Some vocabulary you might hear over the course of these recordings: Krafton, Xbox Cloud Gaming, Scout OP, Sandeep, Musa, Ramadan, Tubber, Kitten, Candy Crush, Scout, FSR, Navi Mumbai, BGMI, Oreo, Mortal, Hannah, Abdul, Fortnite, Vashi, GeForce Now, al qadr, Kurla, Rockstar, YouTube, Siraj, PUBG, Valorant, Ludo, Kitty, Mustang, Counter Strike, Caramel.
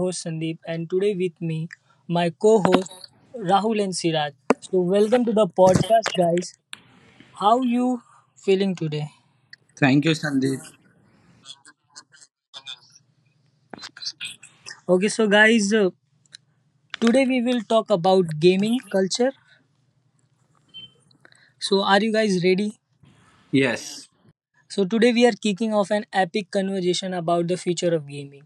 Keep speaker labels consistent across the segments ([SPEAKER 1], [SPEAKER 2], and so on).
[SPEAKER 1] host Sandeep, and today with me, my co host Rahul and Siraj. So, welcome to the podcast, guys. How you feeling today?
[SPEAKER 2] Thank you, Sandeep.
[SPEAKER 1] Okay, so guys, today we will talk about gaming culture. So, are you guys ready?
[SPEAKER 2] Yes.
[SPEAKER 1] So today we are kicking off an epic conversation about the future of gaming.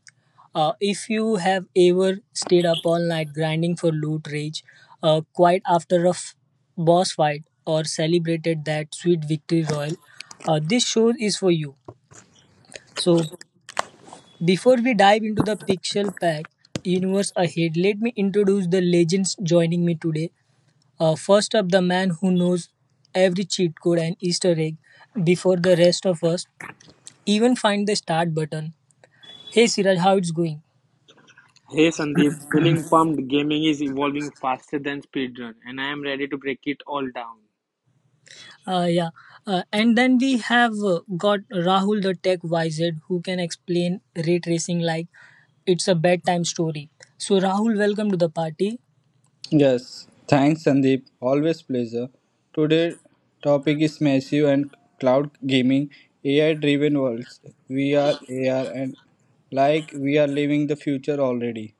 [SPEAKER 1] If you have ever stayed up all night grinding for loot rage, quite after a boss fight, or celebrated that sweet victory royal, this show is for you. So before we dive into the pixel pack universe ahead, let me introduce the legends joining me today. First up, the man who knows every cheat code and Easter egg before the rest of us even find the start button. Hey Siraj, how it's going?
[SPEAKER 3] Hey Sandeep, feeling pumped. Gaming is evolving faster than speedrun, and I am ready to break it all down.
[SPEAKER 1] Yeah. And then we have got Rahul, the tech wizard who can explain ray tracing like it's a bedtime story. So Rahul, welcome to the party.
[SPEAKER 2] Yes. Thanks, Sandeep. Always pleasure. Today topic is massive and cloud gaming, AI-driven worlds, VR, AR, and like we are living the future already.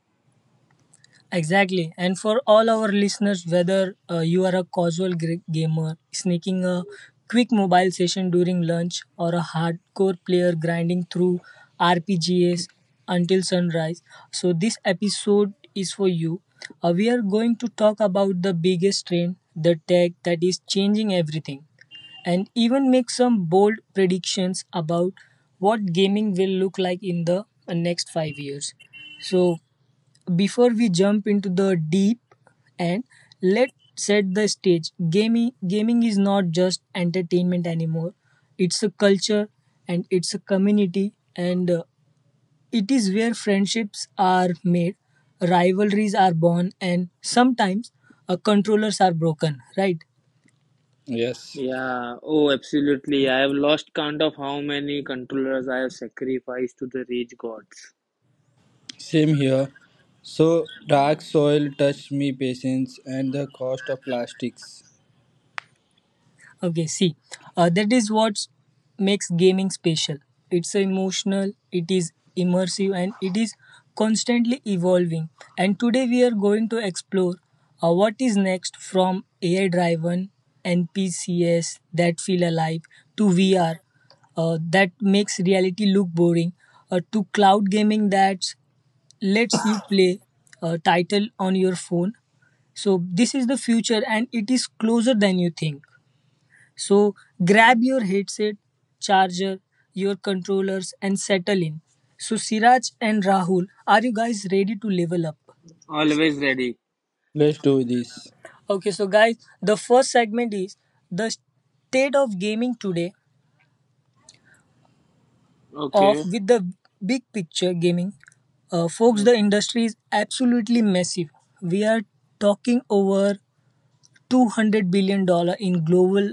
[SPEAKER 1] Exactly. And for all our listeners, whether you are a casual gamer sneaking a quick mobile session during lunch or a hardcore player grinding through RPGs until sunrise, so this episode is for you. We are going to talk about the biggest trend, the tech that is changing everything, and even make some bold predictions about what gaming will look like in the next 5 years. So, before we jump into the deep end, let's set the stage. Gaming is not just entertainment anymore. It's a culture and it's a community, and it is where friendships are made, rivalries are born, and sometimes controllers are broken, right?
[SPEAKER 2] Yes.
[SPEAKER 3] Yeah, oh, absolutely. I have lost count of how many controllers I have sacrificed to the rage gods.
[SPEAKER 2] Same here. So dark soil touched me patience and the cost of plastics.
[SPEAKER 1] Okay, see, that is what makes gaming special. It's emotional, it is immersive, and it is constantly evolving. And today we are going to explore what is next, from AI driven NPCs that feel alive to VR that makes reality look boring to cloud gaming that lets you play a title on your phone. So, this is the future and it is closer than you think. So grab your headset, charger, your controllers, and settle in. So, Siraj and Rahul, are you guys ready to level up?
[SPEAKER 3] Always ready.
[SPEAKER 2] Let's do this.
[SPEAKER 1] Okay, so guys, the first segment is the state of gaming today, of
[SPEAKER 3] Okay.
[SPEAKER 1] with the big picture gaming. Folks, the
[SPEAKER 3] Okay.
[SPEAKER 1] industry is absolutely massive. We are talking over $200 billion dollars in global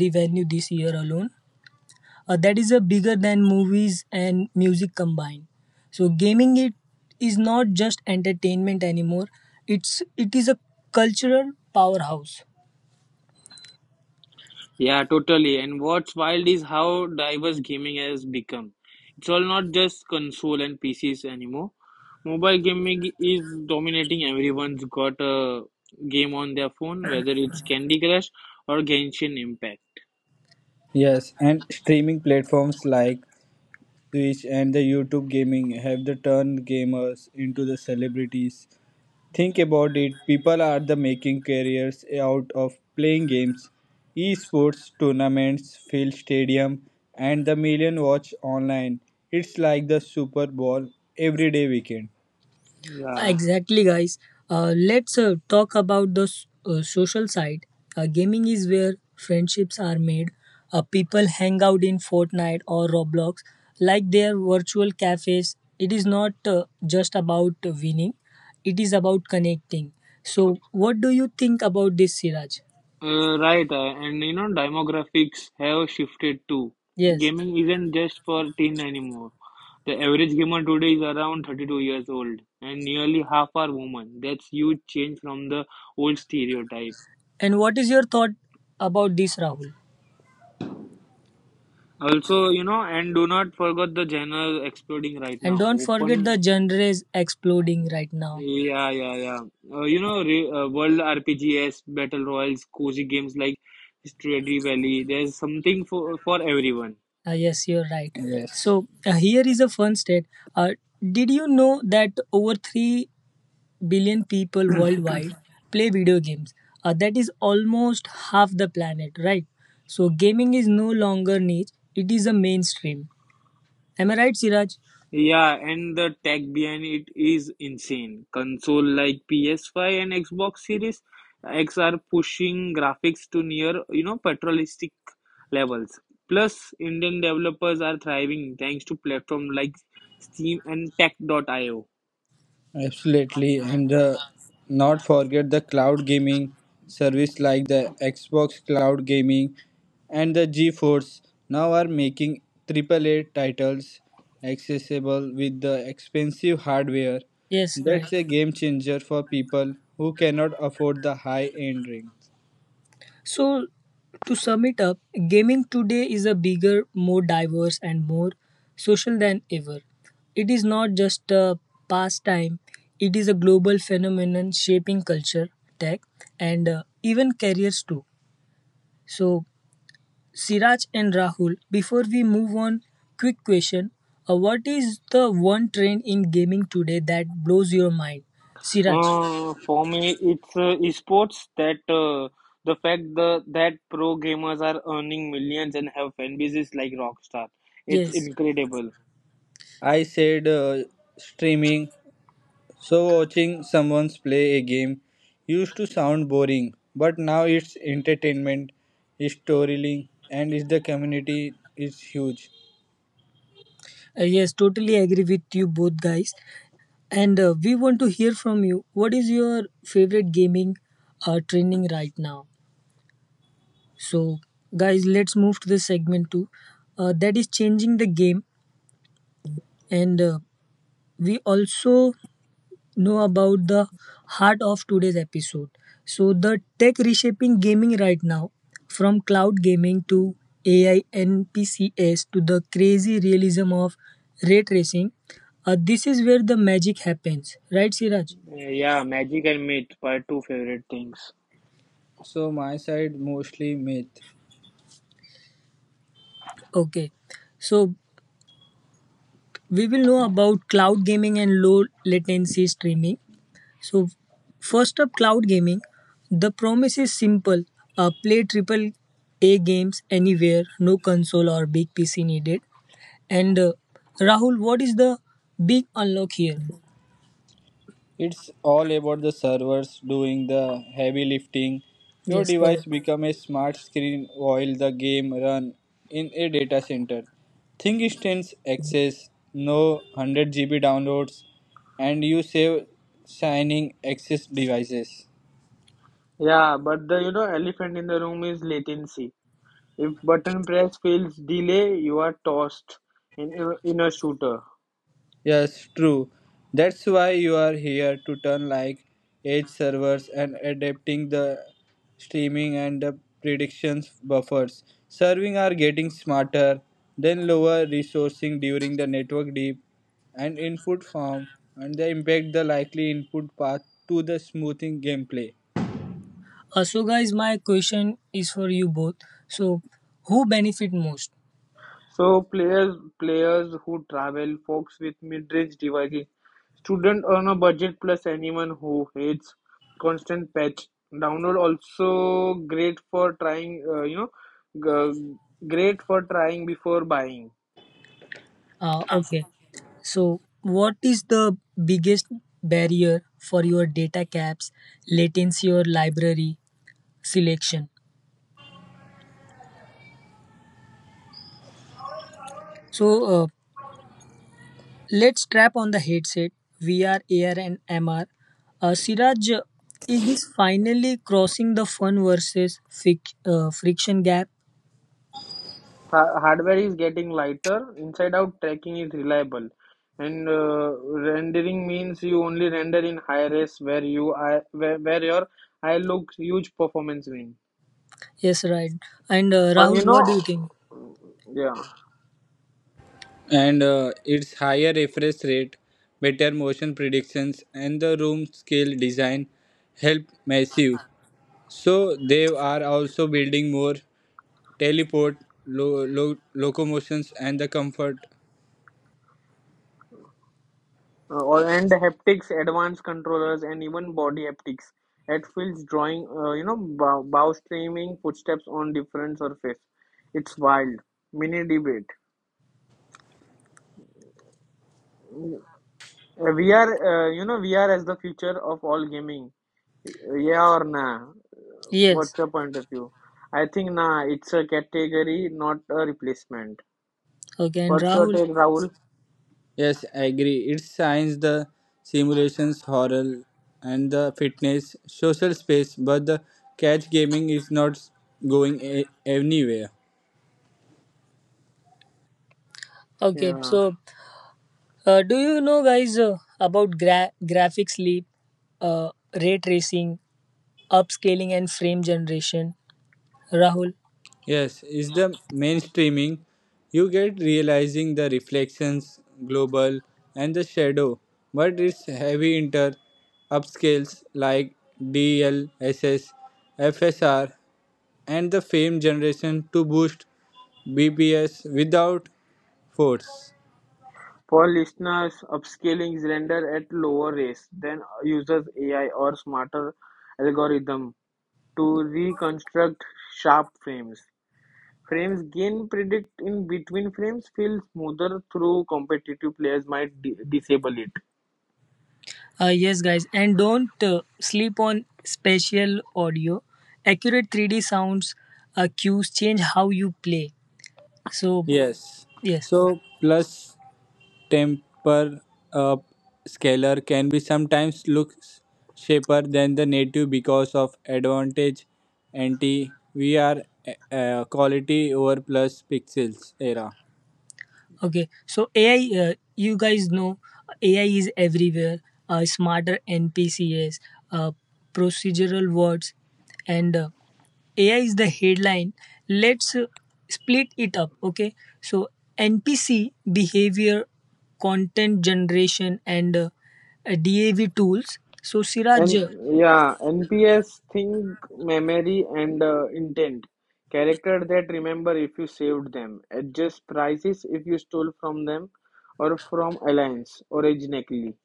[SPEAKER 1] revenue this year alone. That is a bigger than movies and music combined, so gaming, it is not just entertainment anymore, it is a cultural powerhouse.
[SPEAKER 3] Yeah, totally. And what's wild is how diverse gaming has become. It's all not just console and PCs anymore. Mobile gaming is dominating. Everyone's got a game on their phone, whether it's Candy Crush or Genshin Impact.
[SPEAKER 2] Yes, and streaming platforms like Switch and the YouTube gaming have the turned gamers into the celebrities. Think about it, people are the making careers out of playing games. Esports tournaments fill stadium and the million watch online. It's like the Super Bowl every day weekend.
[SPEAKER 3] Yeah,
[SPEAKER 1] Exactly, guys. Let's talk about the social side. Gaming is where friendships are made. People hang out in Fortnite or Roblox like their virtual cafes. It is not just about winning, it is about connecting. So, what do you think about this, Siraj?
[SPEAKER 3] right. Demographics have shifted too.
[SPEAKER 1] Yes.
[SPEAKER 3] Gaming isn't just for teen anymore. The average gamer today is around 32 years old, and nearly half are women. That's huge change from the old stereotype.
[SPEAKER 1] And what is your thought about this, Rahul?
[SPEAKER 3] Also, and do not forget the genre exploding right
[SPEAKER 1] And
[SPEAKER 3] now.
[SPEAKER 1] don't forget the
[SPEAKER 3] Open,
[SPEAKER 1] genres exploding right now.
[SPEAKER 3] yeah, yeah, yeah. World RPGs, battle royals, cozy games like Stardew Valley. There's something for everyone.
[SPEAKER 1] Yes, you're right.
[SPEAKER 2] Yes.
[SPEAKER 1] So here is a fun stat. Uh, did you know that over 3 billion people worldwide play video games? That is almost half the planet, right? So gaming is no longer niche, it is a mainstream. Am I right, Siraj?
[SPEAKER 3] Yeah, and the tech behind it is insane. Console like PS5 and Xbox Series X are pushing graphics to near, paternalistic levels. Plus, Indian developers are thriving thanks to platforms like Steam and Tech Dot IO.
[SPEAKER 2] Absolutely, and the not forget the cloud gaming service like the Xbox Cloud Gaming and the GeForce now are making AAA titles accessible with the expensive hardware.
[SPEAKER 1] Yes, right.
[SPEAKER 2] That's a game changer for people who cannot afford the high end rings.
[SPEAKER 1] So, to sum it up, gaming today is a bigger, more diverse, and more social than ever. It is not just a pastime, it is a global phenomenon shaping culture, tech, and even careers too. So, Siraj and Rahul, before we move on, quick question. What is the one trend in gaming today that blows your mind? Siraj.
[SPEAKER 3] For me, it's esports that the fact the, that pro gamers are earning millions and have fan bases like Rockstar. It's
[SPEAKER 1] Yes.
[SPEAKER 3] incredible.
[SPEAKER 2] I said streaming. So, watching someone play a game used to sound boring, but now it's entertainment, it's storytelling, and it's the community is huge.
[SPEAKER 1] Yes, totally agree with you both guys. And we want to hear from you. What is your favorite gaming training right now? So, guys, let's move to the segment two. That is changing the game. And we also know about the heart of today's episode. So, the tech reshaping gaming right now, from cloud gaming to AI and PCS to the crazy realism of ray tracing. This is where the magic happens, right, Siraj?
[SPEAKER 3] Yeah, magic and myth are two favorite things.
[SPEAKER 2] So, my side mostly myth.
[SPEAKER 1] Okay. So we will know about cloud gaming and low latency streaming. So, first up, cloud gaming. The promise is simple, play triple A games anywhere, no console or big PC needed. And Rahul, what is the big unlock here?
[SPEAKER 2] It's all about the servers doing the heavy lifting. Your
[SPEAKER 1] Yes,
[SPEAKER 2] device
[SPEAKER 1] correct.
[SPEAKER 2] become a smart screen while the game run in a data center. Think instance access, no 100 GB downloads, and you save signing access devices.
[SPEAKER 3] Yeah, but the elephant in the room is latency. If button press feels delay, you are tossed in a shooter.
[SPEAKER 2] Yes, true. That's why you are here to turn like edge servers and adapting the streaming and the predictions buffers. Serving are getting smarter, then lower resourcing during the network deep and input form and they impact the likely input path to the smoothing gameplay.
[SPEAKER 1] So, guys, my question is for you both. So, who benefit most?
[SPEAKER 3] So players who travel, folks with mid-range devices, student on a budget plus anyone who hates constant patch. Download also great for trying. G- great for trying before buying.
[SPEAKER 1] Okay. So, what is the biggest barrier for your data caps, latency, or library selection? So, let's strap on the headset, VR, AR, and MR. Siraj, is this finally crossing the fun versus friction gap?
[SPEAKER 3] Hardware is getting lighter, inside out tracking is reliable, and rendering means you only render in high res where you eye, where your eye, looks huge performance win,
[SPEAKER 1] Yes, right. And
[SPEAKER 3] or
[SPEAKER 1] Rahul, what do you think?
[SPEAKER 3] yeah
[SPEAKER 2] And its higher refresh rate, better motion predictions and the room scale design help massive. So they are also building more teleport, lo- lo- locomotions, and the comfort.
[SPEAKER 3] And haptics advanced controllers and even body haptics. It feels drawing bow, streaming footsteps on different surface. It's wild mini debate. We are, VR as the future of all gaming. Yeah or nah?
[SPEAKER 1] Yes.
[SPEAKER 3] What's your point of view? I think nah, it's a category, not a replacement.
[SPEAKER 1] Okay, and
[SPEAKER 3] What's your
[SPEAKER 1] Rahul.
[SPEAKER 3] take, Rahul?
[SPEAKER 2] Yes, I agree. It's science, the simulations, horror, and the fitness, social space. But the catch gaming is not going anywhere.
[SPEAKER 1] Okay,
[SPEAKER 3] Yeah.
[SPEAKER 1] so do you know, guys, about graphics leap, uh, ray tracing, upscaling, and frame generation? Rahul?
[SPEAKER 2] Yes, is the mainstreaming. You get realizing the reflections, global, and the shadow, but it's heavy inter upscales like DLSS, FSR, and the fame generation to boost BPS without force.
[SPEAKER 3] For listeners, upscaling is rendered at lower rates than uses AI or smarter algorithm to reconstruct sharp frames. Frames gain predict in between frames feel smoother through competitive players might disable it.
[SPEAKER 1] Yes, guys. And don't sleep on spatial audio. Accurate 3D sounds cues change how you play. So,
[SPEAKER 2] Yes,
[SPEAKER 1] yes.
[SPEAKER 2] so plus temper up scalar can be sometimes looks shaper than the native because of advantage anti VR quality over plus pixels era.
[SPEAKER 1] Okay, so AI, you guys know AI is everywhere. Smarter NPCs, uh, procedural words, and AI is the headline. Let's split it up. Okay, so NPC behavior, content generation, and DAV tools. So
[SPEAKER 3] And
[SPEAKER 1] Siraj,
[SPEAKER 3] yeah, NPS think memory and intent. Character that remember if you saved them, adjust prices if you stole from them or from alliance organically.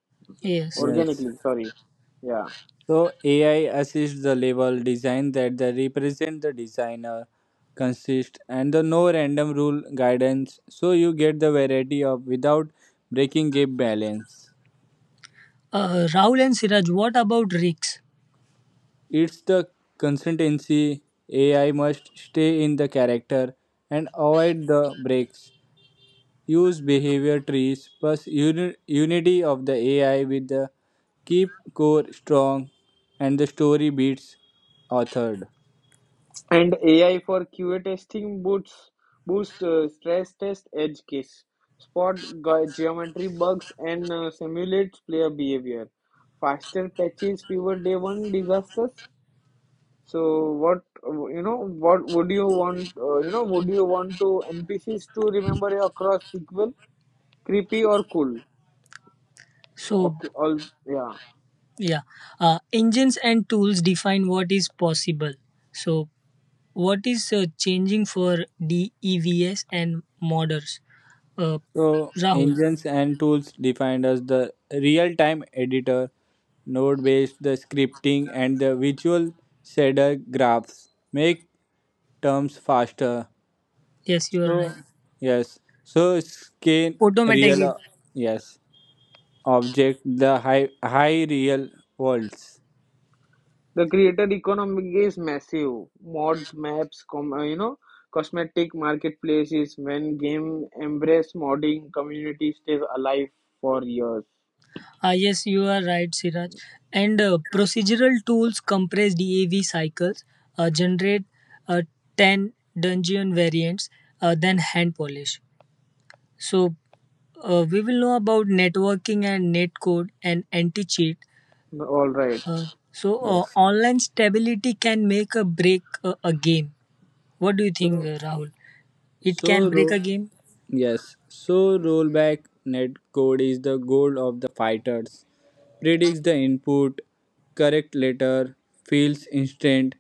[SPEAKER 1] yes,
[SPEAKER 2] Yes.
[SPEAKER 3] Organically, sorry. Yeah.
[SPEAKER 2] So AI assists the level design that they represent the designer consist and the no random rule guidance so you get the variety of without breaking game balance.
[SPEAKER 1] Rahul and Siraj, what about risks?
[SPEAKER 2] It's the consistency AI must stay in the character and avoid the breaks. Use behavior trees plus unity of the AI with the keep core strong and the story beats authored.
[SPEAKER 3] And AI for QA testing boost stress test edge case, spot geometry bugs, and simulates player behavior. Faster patches, fewer day one disasters. So what what would you want? Would you want to NPCs to remember you across sequel, creepy or cool?
[SPEAKER 1] So
[SPEAKER 3] Okay, all yeah.
[SPEAKER 1] yeah. Engines and tools define what is possible. So, what is changing for DEVS and modders? Uh,
[SPEAKER 2] So
[SPEAKER 1] Rahul.
[SPEAKER 2] engines and tools defined as the real-time editor, node-based the scripting and the visual shader graphs make terms faster.
[SPEAKER 1] Yes, you are right.
[SPEAKER 2] So, yes. So scan real,
[SPEAKER 1] Automatic.
[SPEAKER 2] yes, object the high real worlds.
[SPEAKER 3] The creator economy is massive. Mods, maps, cosmetic marketplaces. When game embrace modding, community stays alive for years.
[SPEAKER 1] Yes, you are right, Siraj. And procedural tools compress DAV cycles, generate uh, 10 dungeon variants, then hand polish. So, we will know about networking and netcode and anti cheat.
[SPEAKER 3] All right.
[SPEAKER 1] Uh, so
[SPEAKER 2] Yes.
[SPEAKER 1] online stability can make a break a game. What do you think,
[SPEAKER 2] So
[SPEAKER 1] Rahul? It
[SPEAKER 2] so
[SPEAKER 1] can break a
[SPEAKER 2] ro-
[SPEAKER 1] game.
[SPEAKER 2] yes. So rollback netcode is the goal of the fighters. Predicts the input, correct letter, feels instant.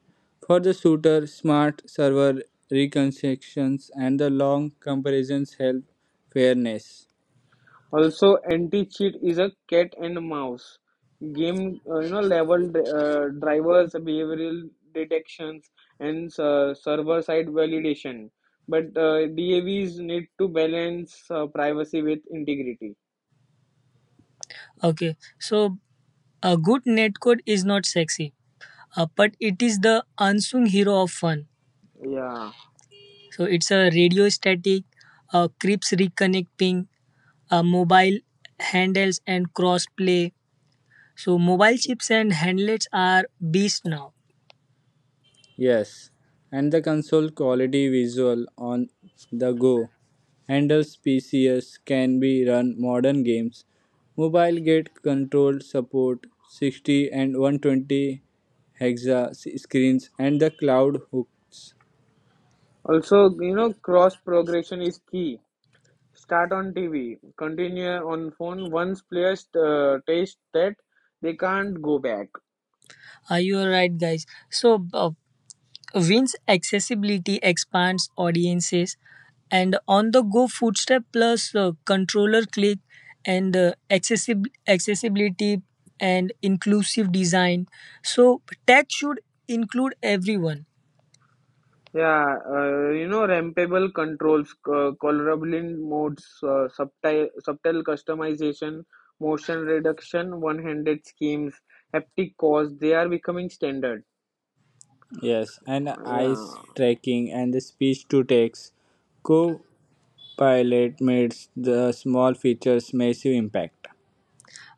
[SPEAKER 2] For the shooter, smart server reconstructions and the long comparisons help fairness.
[SPEAKER 3] Also, anti-cheat is a cat and mouse game. Level drivers, behavioral detections, and server-side validation. But DAVs need to balance privacy with integrity.
[SPEAKER 1] Okay. So a good netcode is not sexy, but it is the unsung hero of fun.
[SPEAKER 3] Yeah.
[SPEAKER 1] So it's a radio static, creeps reconnecting, mobile handles and crossplay. So mobile chips and handlets are beast now.
[SPEAKER 2] Yes, and the console quality visual on the go handles PCs can be run modern games. Mobile gate control support 60 and 120 hexa screens and the cloud hooks.
[SPEAKER 3] Also, cross progression is key. Start on TV, continue on phone. Once players taste that, they can't go back.
[SPEAKER 1] You are right, guys. So Win's accessibility expands audiences, and on-the-go footstep plus controller click and accessibility and inclusive design. So tech should include everyone.
[SPEAKER 3] Yeah, rampable controls, colorable modes, subtle customization, motion reduction, one-handed schemes, haptic cores, they are becoming standard.
[SPEAKER 2] Yes, and eyes
[SPEAKER 3] Yeah,
[SPEAKER 2] tracking and the speech to text. Copilot makes the small features massive impact.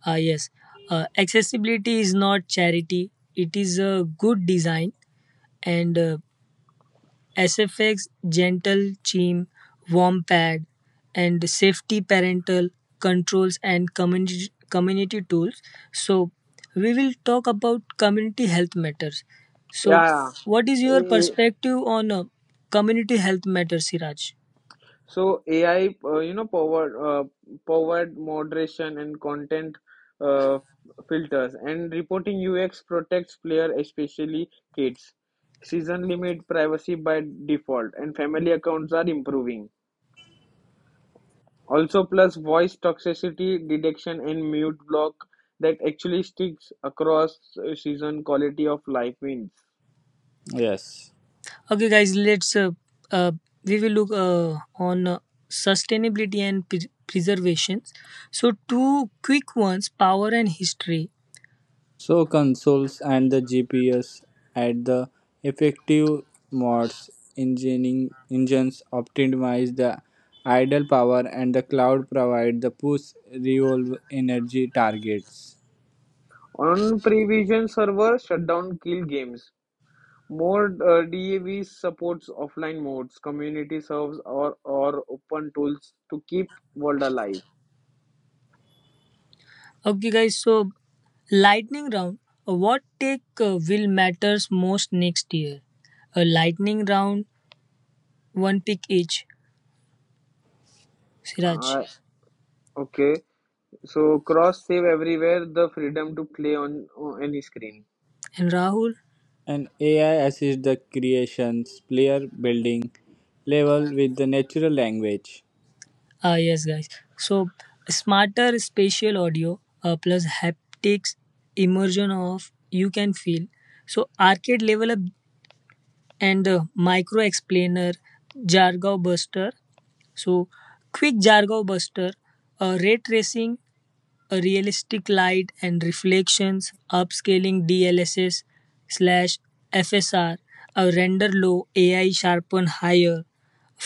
[SPEAKER 1] Ah yes, accessibility is not charity; it is a good design, and Sfx Gentle Chime Warm pad and safety parental controls and community tools. So we will talk about community health matters. So
[SPEAKER 3] yeah.
[SPEAKER 1] what is your
[SPEAKER 3] Eh,
[SPEAKER 1] perspective on community health matters, Siraj?
[SPEAKER 3] so AI, powered moderation and content uh, filters and reporting UX protects player, especially kids. Season limit, privacy by default, and family accounts are improving. Also plus voice toxicity detection and mute block that actually sticks across season quality of life wins.
[SPEAKER 2] Yes.
[SPEAKER 1] Okay, guys, let's uh, we will look on sustainability and preservation. So two quick ones: power and history.
[SPEAKER 2] So consoles and the GPS at the effective modes engineering engines optimize the idle power and the cloud provide the push revolve energy targets.
[SPEAKER 3] On prevision server, shutdown kill games. More DAV supports offline modes, community serves, or open tools to keep world alive.
[SPEAKER 1] Okay, guys. So, lightning round. What take will matters most next year? A lightning round, one pick each. Siraj
[SPEAKER 3] Uh, okay, so cross save everywhere, the freedom to play on, any screen.
[SPEAKER 1] and Rahul.
[SPEAKER 2] And AI assists the creations player building level with the natural language.
[SPEAKER 1] Ah, yes, guys. So, smarter spatial audio plus haptics immersion of you can feel. So, arcade level up and the micro explainer jargon buster, so quick jargon buster, ray tracing, a realistic light and reflections upscaling dlss slash fsr, a render low ai sharpen higher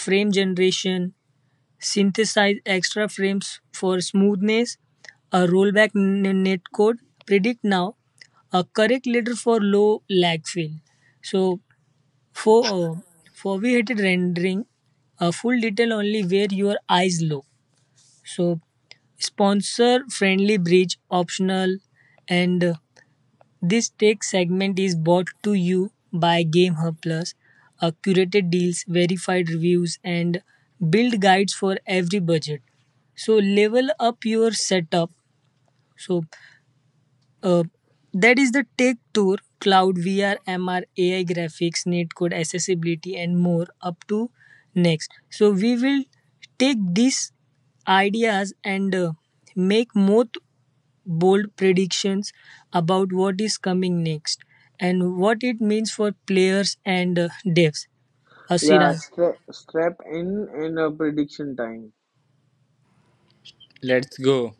[SPEAKER 1] frame generation synthesize extra frames for smoothness, a rollback netcode predict now, a correct leader for low lag fill. So for foveated rendering, a full detail only where your eyes look. So sponsor friendly bridge optional, and this tech segment is brought to you by gamehub plus curated deals, verified reviews, and build guides for every budget, so level up your setup. So uh, that is the Tech Tour, Cloud VR, MR, AI graphics, netcode, accessibility, and more up to next. So we will take these ideas and make more bold predictions about what is coming next and what it means for players and devs.
[SPEAKER 3] Yeah,
[SPEAKER 1] Siraj.
[SPEAKER 3] strap in and prediction time.
[SPEAKER 2] Let's go.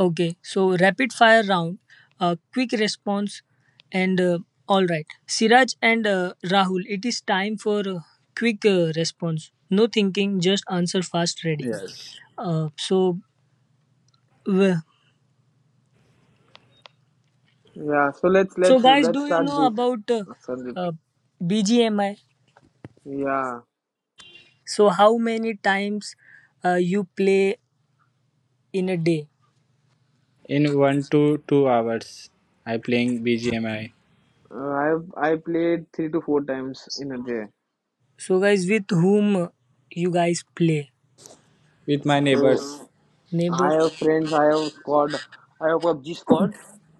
[SPEAKER 1] Okay, so rapid fire round, quick response, and all right. Siraj and Rahul, it is time for quick response. No thinking, just answer fast, ready.
[SPEAKER 2] Yes.
[SPEAKER 1] So, w-
[SPEAKER 3] Yeah, so
[SPEAKER 1] guys,
[SPEAKER 3] let's
[SPEAKER 1] do you
[SPEAKER 3] start
[SPEAKER 1] know
[SPEAKER 3] this,
[SPEAKER 1] about
[SPEAKER 3] Sandeep.
[SPEAKER 1] uh, BGMI?
[SPEAKER 3] Yeah,
[SPEAKER 1] So, how many times you play in a day?
[SPEAKER 2] In 1 to 2 hours I playing BGMI
[SPEAKER 3] I played three to four times in a day.
[SPEAKER 1] So, guys, with whom you guys play?
[SPEAKER 2] with my
[SPEAKER 3] So
[SPEAKER 2] neighbors.
[SPEAKER 1] Neighbor.
[SPEAKER 3] I have friends, I have squad, I have PUBG squad,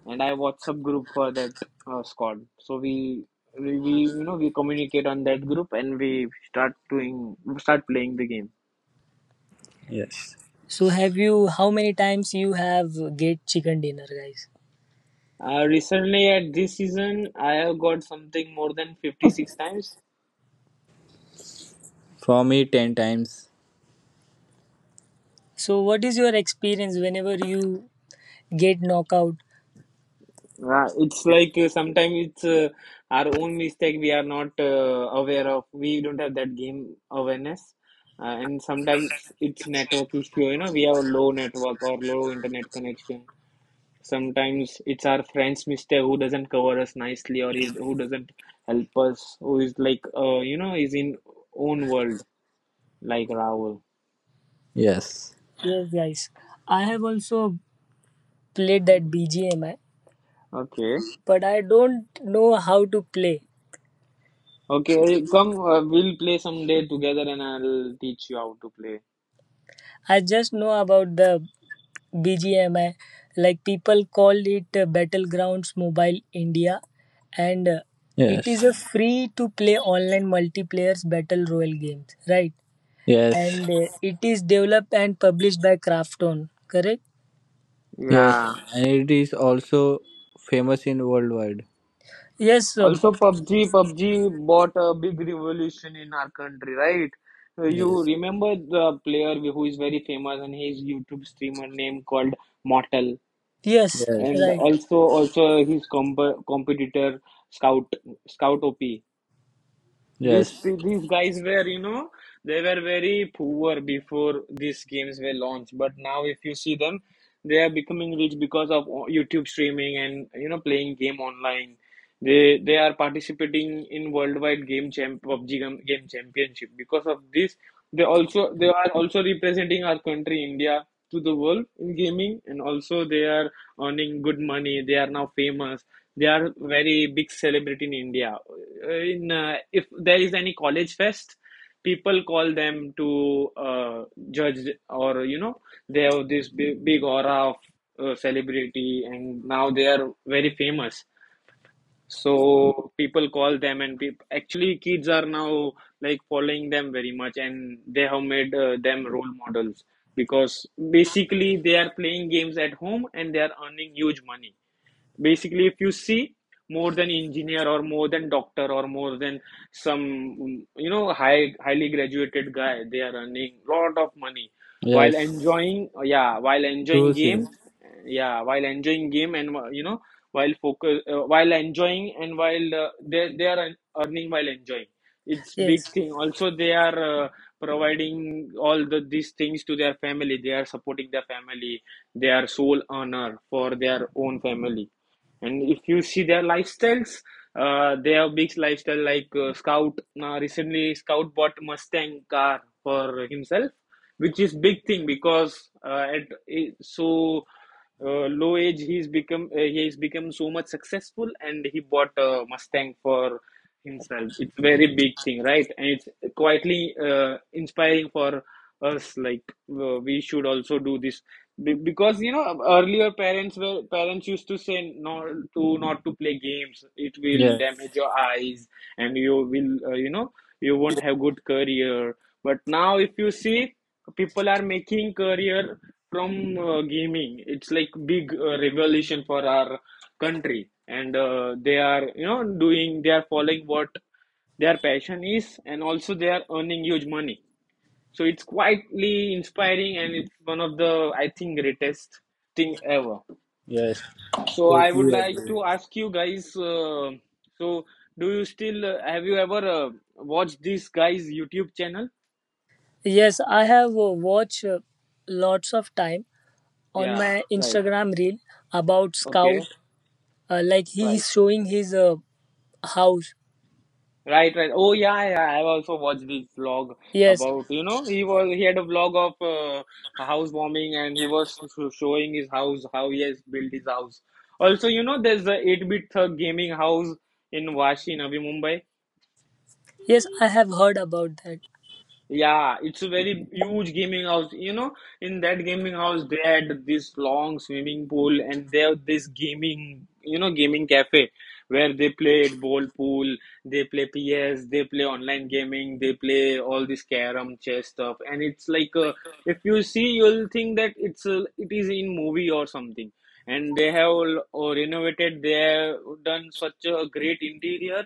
[SPEAKER 3] and I have WhatsApp group for that squad. So you know, we communicate on that group and we start doing start playing the game.
[SPEAKER 2] Yes.
[SPEAKER 1] So, have you? How many times you have get chicken dinner, guys?
[SPEAKER 3] Recently at this season, I have got something more than 56 times.
[SPEAKER 2] For me 10 times.
[SPEAKER 1] So, what is your experience whenever you get knockout?
[SPEAKER 3] It's like sometimes it's our own mistake, we are not aware of. We don't have that game awareness. And sometimes it's network issue, you know, we have low network or low internet connection. Sometimes it's our friend's mistake who doesn't cover us nicely or who doesn't help us, who is like, is in own world like Rahul.
[SPEAKER 2] Yes.
[SPEAKER 1] Yes, guys. I have also played that BGMI,
[SPEAKER 3] Okay.
[SPEAKER 1] but I don't know how to play.
[SPEAKER 3] Okay, come, we'll play someday together and I'll teach you how to play.
[SPEAKER 1] I just know about the BGMI. Like people call it Battlegrounds Mobile India, and it
[SPEAKER 2] Yes,
[SPEAKER 1] is a free to play online multiplayers battle royal games, right?
[SPEAKER 2] yes,
[SPEAKER 1] And it is developed and published by Krafton, correct?
[SPEAKER 2] yes,
[SPEAKER 3] Yeah.
[SPEAKER 2] and it is also famous in worldwide.
[SPEAKER 1] Yes, sir.
[SPEAKER 3] Also, PUBG bought a big revolution in our country, right? You
[SPEAKER 2] Yes,
[SPEAKER 3] remember the player who is very famous and his YouTube streamer name called Mortal,
[SPEAKER 1] Yes,
[SPEAKER 2] yes,
[SPEAKER 3] and
[SPEAKER 1] right.
[SPEAKER 3] also his competitor Scout Scout OP.
[SPEAKER 2] yes,
[SPEAKER 3] These guys were, you know, they were very poor before these games were launched. But now, if you see them, they are becoming rich because of YouTube streaming and you know playing game online. They are participating in worldwide game champ PUBG game championship. Because of this, they also they are also representing our country India to the world in gaming, and also they are earning good money. They are now famous, they are very big celebrity in India. In if there is any college fest, people call them to judge, or you know, they have this big, big aura of celebrity, and now they are very famous. So people call them, and peop actually kids are now like following them very much, and they have made them role models because basically they are playing games at home and they are earning huge money. Basically if you see, more than engineer or more than doctor or more than some you know highly graduated guy, they are earning lot of money while
[SPEAKER 2] yes.
[SPEAKER 3] enjoying. Yeah, while enjoying
[SPEAKER 2] True, Siraj.
[SPEAKER 3] game. Yeah, while enjoying game. And you know, while focus while enjoying, and while they are earning while enjoying. It's big
[SPEAKER 1] Yes,
[SPEAKER 3] thing. Also they are providing all these things to their family, they are supporting their family, they are sole earner for their own family. And if you see their lifestyles, they have big lifestyle like Scout. Now recently, Scout bought Mustang car for himself, which is big thing because at eh, so low age he's become so much successful, and he bought a Mustang for himself. It's a very big thing, right? And it's quietly inspiring for us, like we should also do this. Because you know earlier parents used to say not to play games, it will
[SPEAKER 2] Yes,
[SPEAKER 3] damage your eyes and you will you won't have good career. But now if you see, people are making career from gaming. It's like big revolution for our country, and they are you know doing they are following what their passion is, and also they are earning huge money. So it's quietly inspiring, and it's one of the I think greatest thing ever.
[SPEAKER 2] yes,
[SPEAKER 3] So I would
[SPEAKER 2] totally
[SPEAKER 3] like
[SPEAKER 2] agree.
[SPEAKER 3] to ask you guys, so do you still have you ever watched this guy's YouTube channel?
[SPEAKER 1] yes, I have watched lots of time on
[SPEAKER 3] Yeah,
[SPEAKER 1] my
[SPEAKER 3] right.
[SPEAKER 1] Instagram reel about Scout.
[SPEAKER 3] Okay,
[SPEAKER 1] Like he
[SPEAKER 3] right,
[SPEAKER 1] is showing his house.
[SPEAKER 3] right, right. Oh yeah, yeah, yeah. I've also watched this vlog
[SPEAKER 1] Yes,
[SPEAKER 3] about, you know, he had a vlog of a house warming and he was showing his house, how he has built his house. Also, you know, there's a 8-bit thug gaming house in Vashi, Navi Mumbai.
[SPEAKER 1] yes, I have heard about that.
[SPEAKER 3] Yeah, it's a very huge gaming house. You know, in that gaming house, they had this long swimming pool and they have this gaming, gaming cafe where they played ball pool, they play PS, they play online gaming, they play all this carom, chess stuff. And it's like, if you see, you'll think that it's it is in movie or something. And they have all, renovated, they have done such a great interior.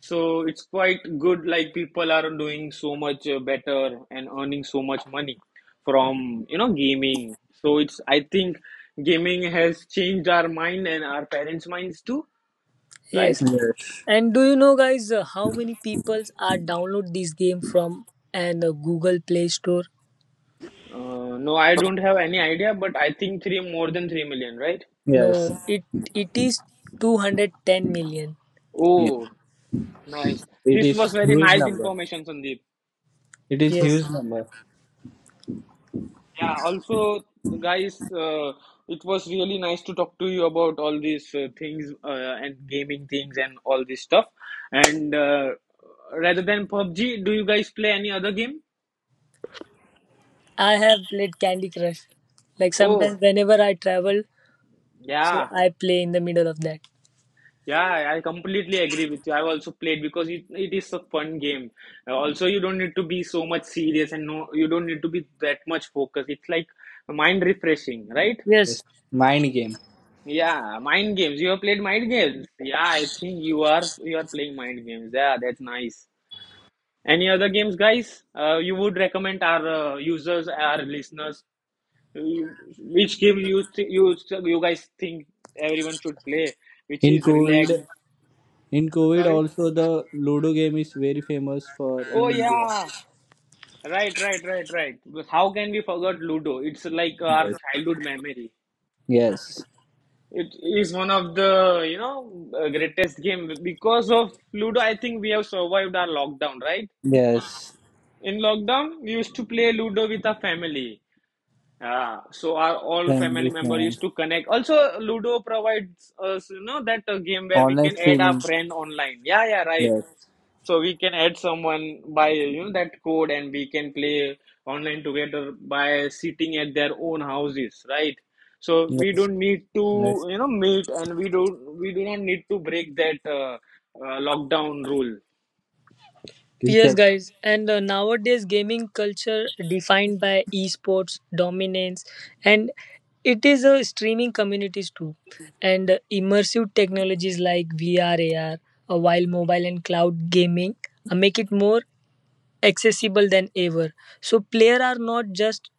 [SPEAKER 3] So it's quite good, like people are doing so much better and earning so much money from, you know, gaming. So it's, I think gaming has changed our mind and our parents' minds too, right?
[SPEAKER 1] Yes,
[SPEAKER 2] Yes,
[SPEAKER 1] and do you know, guys, how many people are download this game from and Google Play Store?
[SPEAKER 3] No, I don't have any idea, but I think three more than 3 million, right?
[SPEAKER 1] No,
[SPEAKER 2] yes,
[SPEAKER 1] it is 210 million.
[SPEAKER 2] yes.
[SPEAKER 3] Oh, nice.
[SPEAKER 2] It
[SPEAKER 3] This was
[SPEAKER 2] is
[SPEAKER 3] very
[SPEAKER 2] huge
[SPEAKER 3] nice
[SPEAKER 2] number.
[SPEAKER 3] information, Sandeep.
[SPEAKER 2] It is
[SPEAKER 1] Yes,
[SPEAKER 2] huge number.
[SPEAKER 3] Yeah, also, guys, it was really nice to talk to you about all these things and gaming things and all this stuff. And rather than PUBG, do you guys play any other game?
[SPEAKER 1] I have played Candy Crush. Like sometimes,
[SPEAKER 3] Oh,
[SPEAKER 1] whenever I travel, so
[SPEAKER 3] yeah.
[SPEAKER 1] I play in the middle of that.
[SPEAKER 3] Yeah, I completely agree with you. I've also played because it is a fun game. Also, you don't need to be so much serious, and no, you don't need to be that much focused. It's like mind refreshing, right?
[SPEAKER 1] Yes,
[SPEAKER 2] Yes, mind game.
[SPEAKER 3] Yeah, mind games. You have played mind games. Yeah, I think you are playing mind games. Yeah, that's nice. Any other games, guys? You would recommend our users, our listeners, you, which game you th- you guys think everyone should play, which
[SPEAKER 2] In
[SPEAKER 3] is relax.
[SPEAKER 2] COVID, in COVID
[SPEAKER 3] Sorry.
[SPEAKER 2] also the Ludo game is very famous for in
[SPEAKER 3] Oh
[SPEAKER 2] India.
[SPEAKER 3] yeah. Right, right, right, right. Because how can we forget Ludo? It's like our
[SPEAKER 2] Yes,
[SPEAKER 3] childhood memory.
[SPEAKER 2] yes,
[SPEAKER 3] It is one of the, greatest game. Because of Ludo, I think we have survived our lockdown, right?
[SPEAKER 2] yes.
[SPEAKER 3] In lockdown, we used to play Ludo with our family. So our all family
[SPEAKER 2] Family
[SPEAKER 3] member used
[SPEAKER 2] friends,
[SPEAKER 3] to connect. Also, Ludo provides us, that game where we
[SPEAKER 2] online
[SPEAKER 3] can add our
[SPEAKER 2] streaming.
[SPEAKER 3] friend online. Yeah, yeah, right.
[SPEAKER 2] Yes.
[SPEAKER 3] So we can add someone by that code, and we can play online together by sitting at their own houses, right? So we
[SPEAKER 2] Yes.
[SPEAKER 3] don't need
[SPEAKER 2] Yes.
[SPEAKER 3] to meet, and we do not need to break that lockdown rule.
[SPEAKER 1] yes,
[SPEAKER 2] Exact.
[SPEAKER 1] guys. And nowadays, gaming culture defined by esports dominance, and it is a streaming communities too, and immersive technologies like VR, AR, while mobile and cloud gaming make it more accessible than ever. So players are not just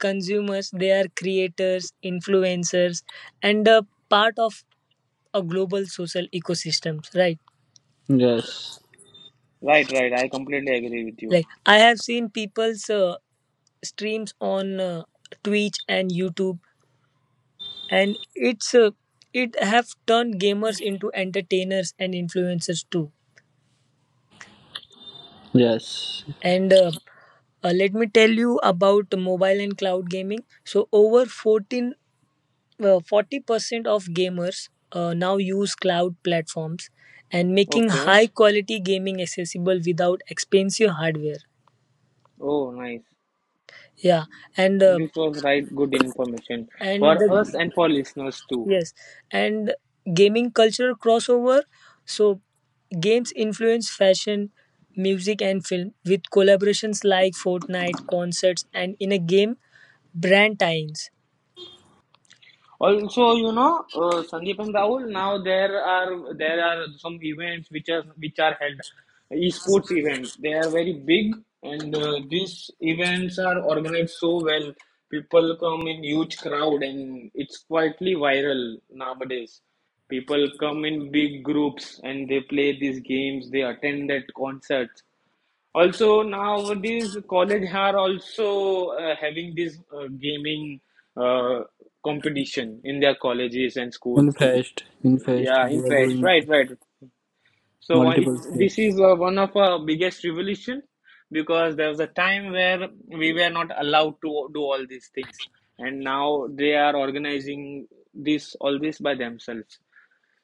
[SPEAKER 1] consumers; they are creators, influencers, and part of a global social ecosystems. Right.
[SPEAKER 2] Yes.
[SPEAKER 3] Right, right. I completely agree with you.
[SPEAKER 1] Like I have seen people's streams on Twitch and YouTube, and it have turned gamers into entertainers and influencers too.
[SPEAKER 2] Yes.
[SPEAKER 1] And let me tell you about mobile and cloud gaming. So over 14 uh, 40% of gamers now use cloud platforms, and making
[SPEAKER 3] Okay.
[SPEAKER 1] high quality gaming accessible without expensive hardware.
[SPEAKER 3] Oh, nice.
[SPEAKER 1] Yeah, and uh,
[SPEAKER 3] This was right good information
[SPEAKER 1] and
[SPEAKER 3] for
[SPEAKER 1] the
[SPEAKER 3] us and for listeners too.
[SPEAKER 1] Yes, and gaming culture crossover. So, games influence fashion, music, and film with collaborations like Fortnite, concerts, and in a game, brand tie-ins.
[SPEAKER 3] Also, you know, Sandeep and Rahul, now there are some events which are held, esports event. They are very big, and these events are organized so well. People come in huge crowd, and it's quietly viral nowadays. People come in big groups, and they play these games. They attend that concerts. Also, nowadays college are also having this gaming uh, competition in their colleges and
[SPEAKER 2] In
[SPEAKER 3] schools.
[SPEAKER 2] fact, in fact,
[SPEAKER 3] Yeah, in
[SPEAKER 2] they are
[SPEAKER 3] fact,
[SPEAKER 2] doing
[SPEAKER 3] right, right. So it,
[SPEAKER 2] multiple
[SPEAKER 3] this
[SPEAKER 2] steps.
[SPEAKER 3] is one of our biggest revolution, because there was a time where we were not allowed to do all these things, and now they are organizing this all this by themselves.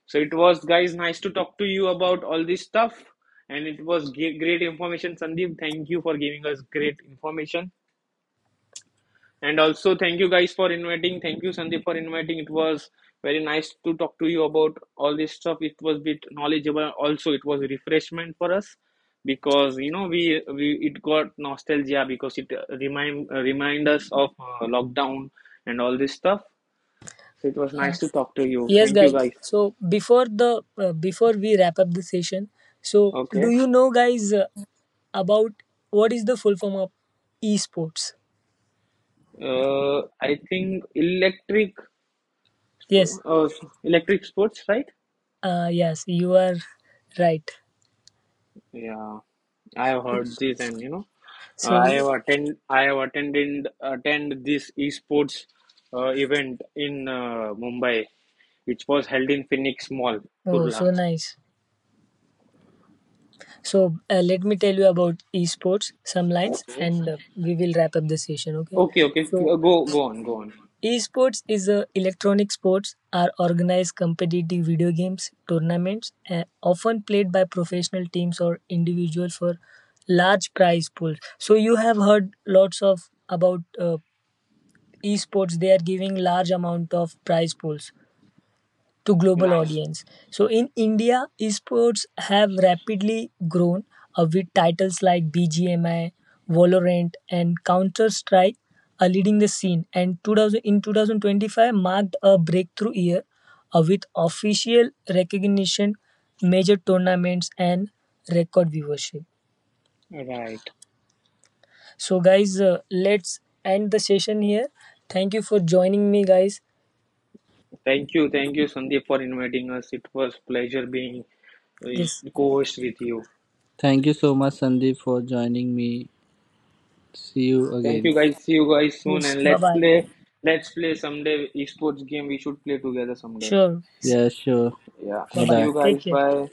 [SPEAKER 3] So it was, guys, nice to talk to you about all this stuff. And it was great information, Sandeep. Thank you for giving us great information. And also, thank you guys for inviting. Thank you, Sandeep, for inviting. It was very nice to talk to you about all this stuff. It was a bit knowledgeable. Also, it was a refreshment for us, because you know we it got nostalgia, because it remind us of lockdown and all this stuff. So it was
[SPEAKER 1] Uh,
[SPEAKER 3] nice to talk to you.
[SPEAKER 1] yes,
[SPEAKER 3] Thank you,
[SPEAKER 1] guys.
[SPEAKER 3] guys.
[SPEAKER 1] So before we wrap up the session, so do
[SPEAKER 3] Okay.
[SPEAKER 1] you know, guys, about what is the full form of esports?
[SPEAKER 3] I think
[SPEAKER 1] Yes.
[SPEAKER 3] uh, electric sports, right?
[SPEAKER 1] Yes, you are right.
[SPEAKER 3] Yeah, I have heard this, and you know,
[SPEAKER 1] So,
[SPEAKER 3] I have attend, I have attended attend this esports event in Mumbai, which was held in Phoenix Mall,
[SPEAKER 1] oh,
[SPEAKER 3] Kurla.
[SPEAKER 1] so nice. So let me tell you about esports some lines,
[SPEAKER 3] Okay,
[SPEAKER 1] and we will wrap up the session. Okay.
[SPEAKER 3] okay, okay.
[SPEAKER 1] So
[SPEAKER 3] Go, go on, go on.
[SPEAKER 1] esports is a electronic sports, are organized competitive video games tournaments, often played by professional teams or individuals for large prize pools. So you have heard lots of about esports. They are giving large amount of prize pools to global
[SPEAKER 3] Right,
[SPEAKER 1] audience. So in India, esports have rapidly grown with titles like BGMI, Valorant, and Counter Strike are leading the scene. And 2000, in 2025 marked a breakthrough year with official recognition, major tournaments, and record viewership.
[SPEAKER 3] right.
[SPEAKER 1] So guys, let's end the session here. Thank you for joining me, guys.
[SPEAKER 3] Thank you, Sandeep, for inviting us. It was pleasure being uh,
[SPEAKER 1] Yes,
[SPEAKER 3] co-host with you.
[SPEAKER 2] Thank you so much, Sandeep, for joining me. See you
[SPEAKER 3] Thank
[SPEAKER 2] again.
[SPEAKER 3] you guys. See you guys soon,
[SPEAKER 1] yes.
[SPEAKER 3] and
[SPEAKER 1] Bye
[SPEAKER 3] let's
[SPEAKER 1] bye.
[SPEAKER 3] play let's play someday esports game. We should play together someday.
[SPEAKER 1] Sure, guys.
[SPEAKER 2] Yeah, sure.
[SPEAKER 3] Yeah.
[SPEAKER 1] Bye
[SPEAKER 2] Bye
[SPEAKER 3] See
[SPEAKER 1] bye.
[SPEAKER 3] you
[SPEAKER 2] bye.
[SPEAKER 1] Take
[SPEAKER 3] guys.
[SPEAKER 1] care.
[SPEAKER 3] Bye.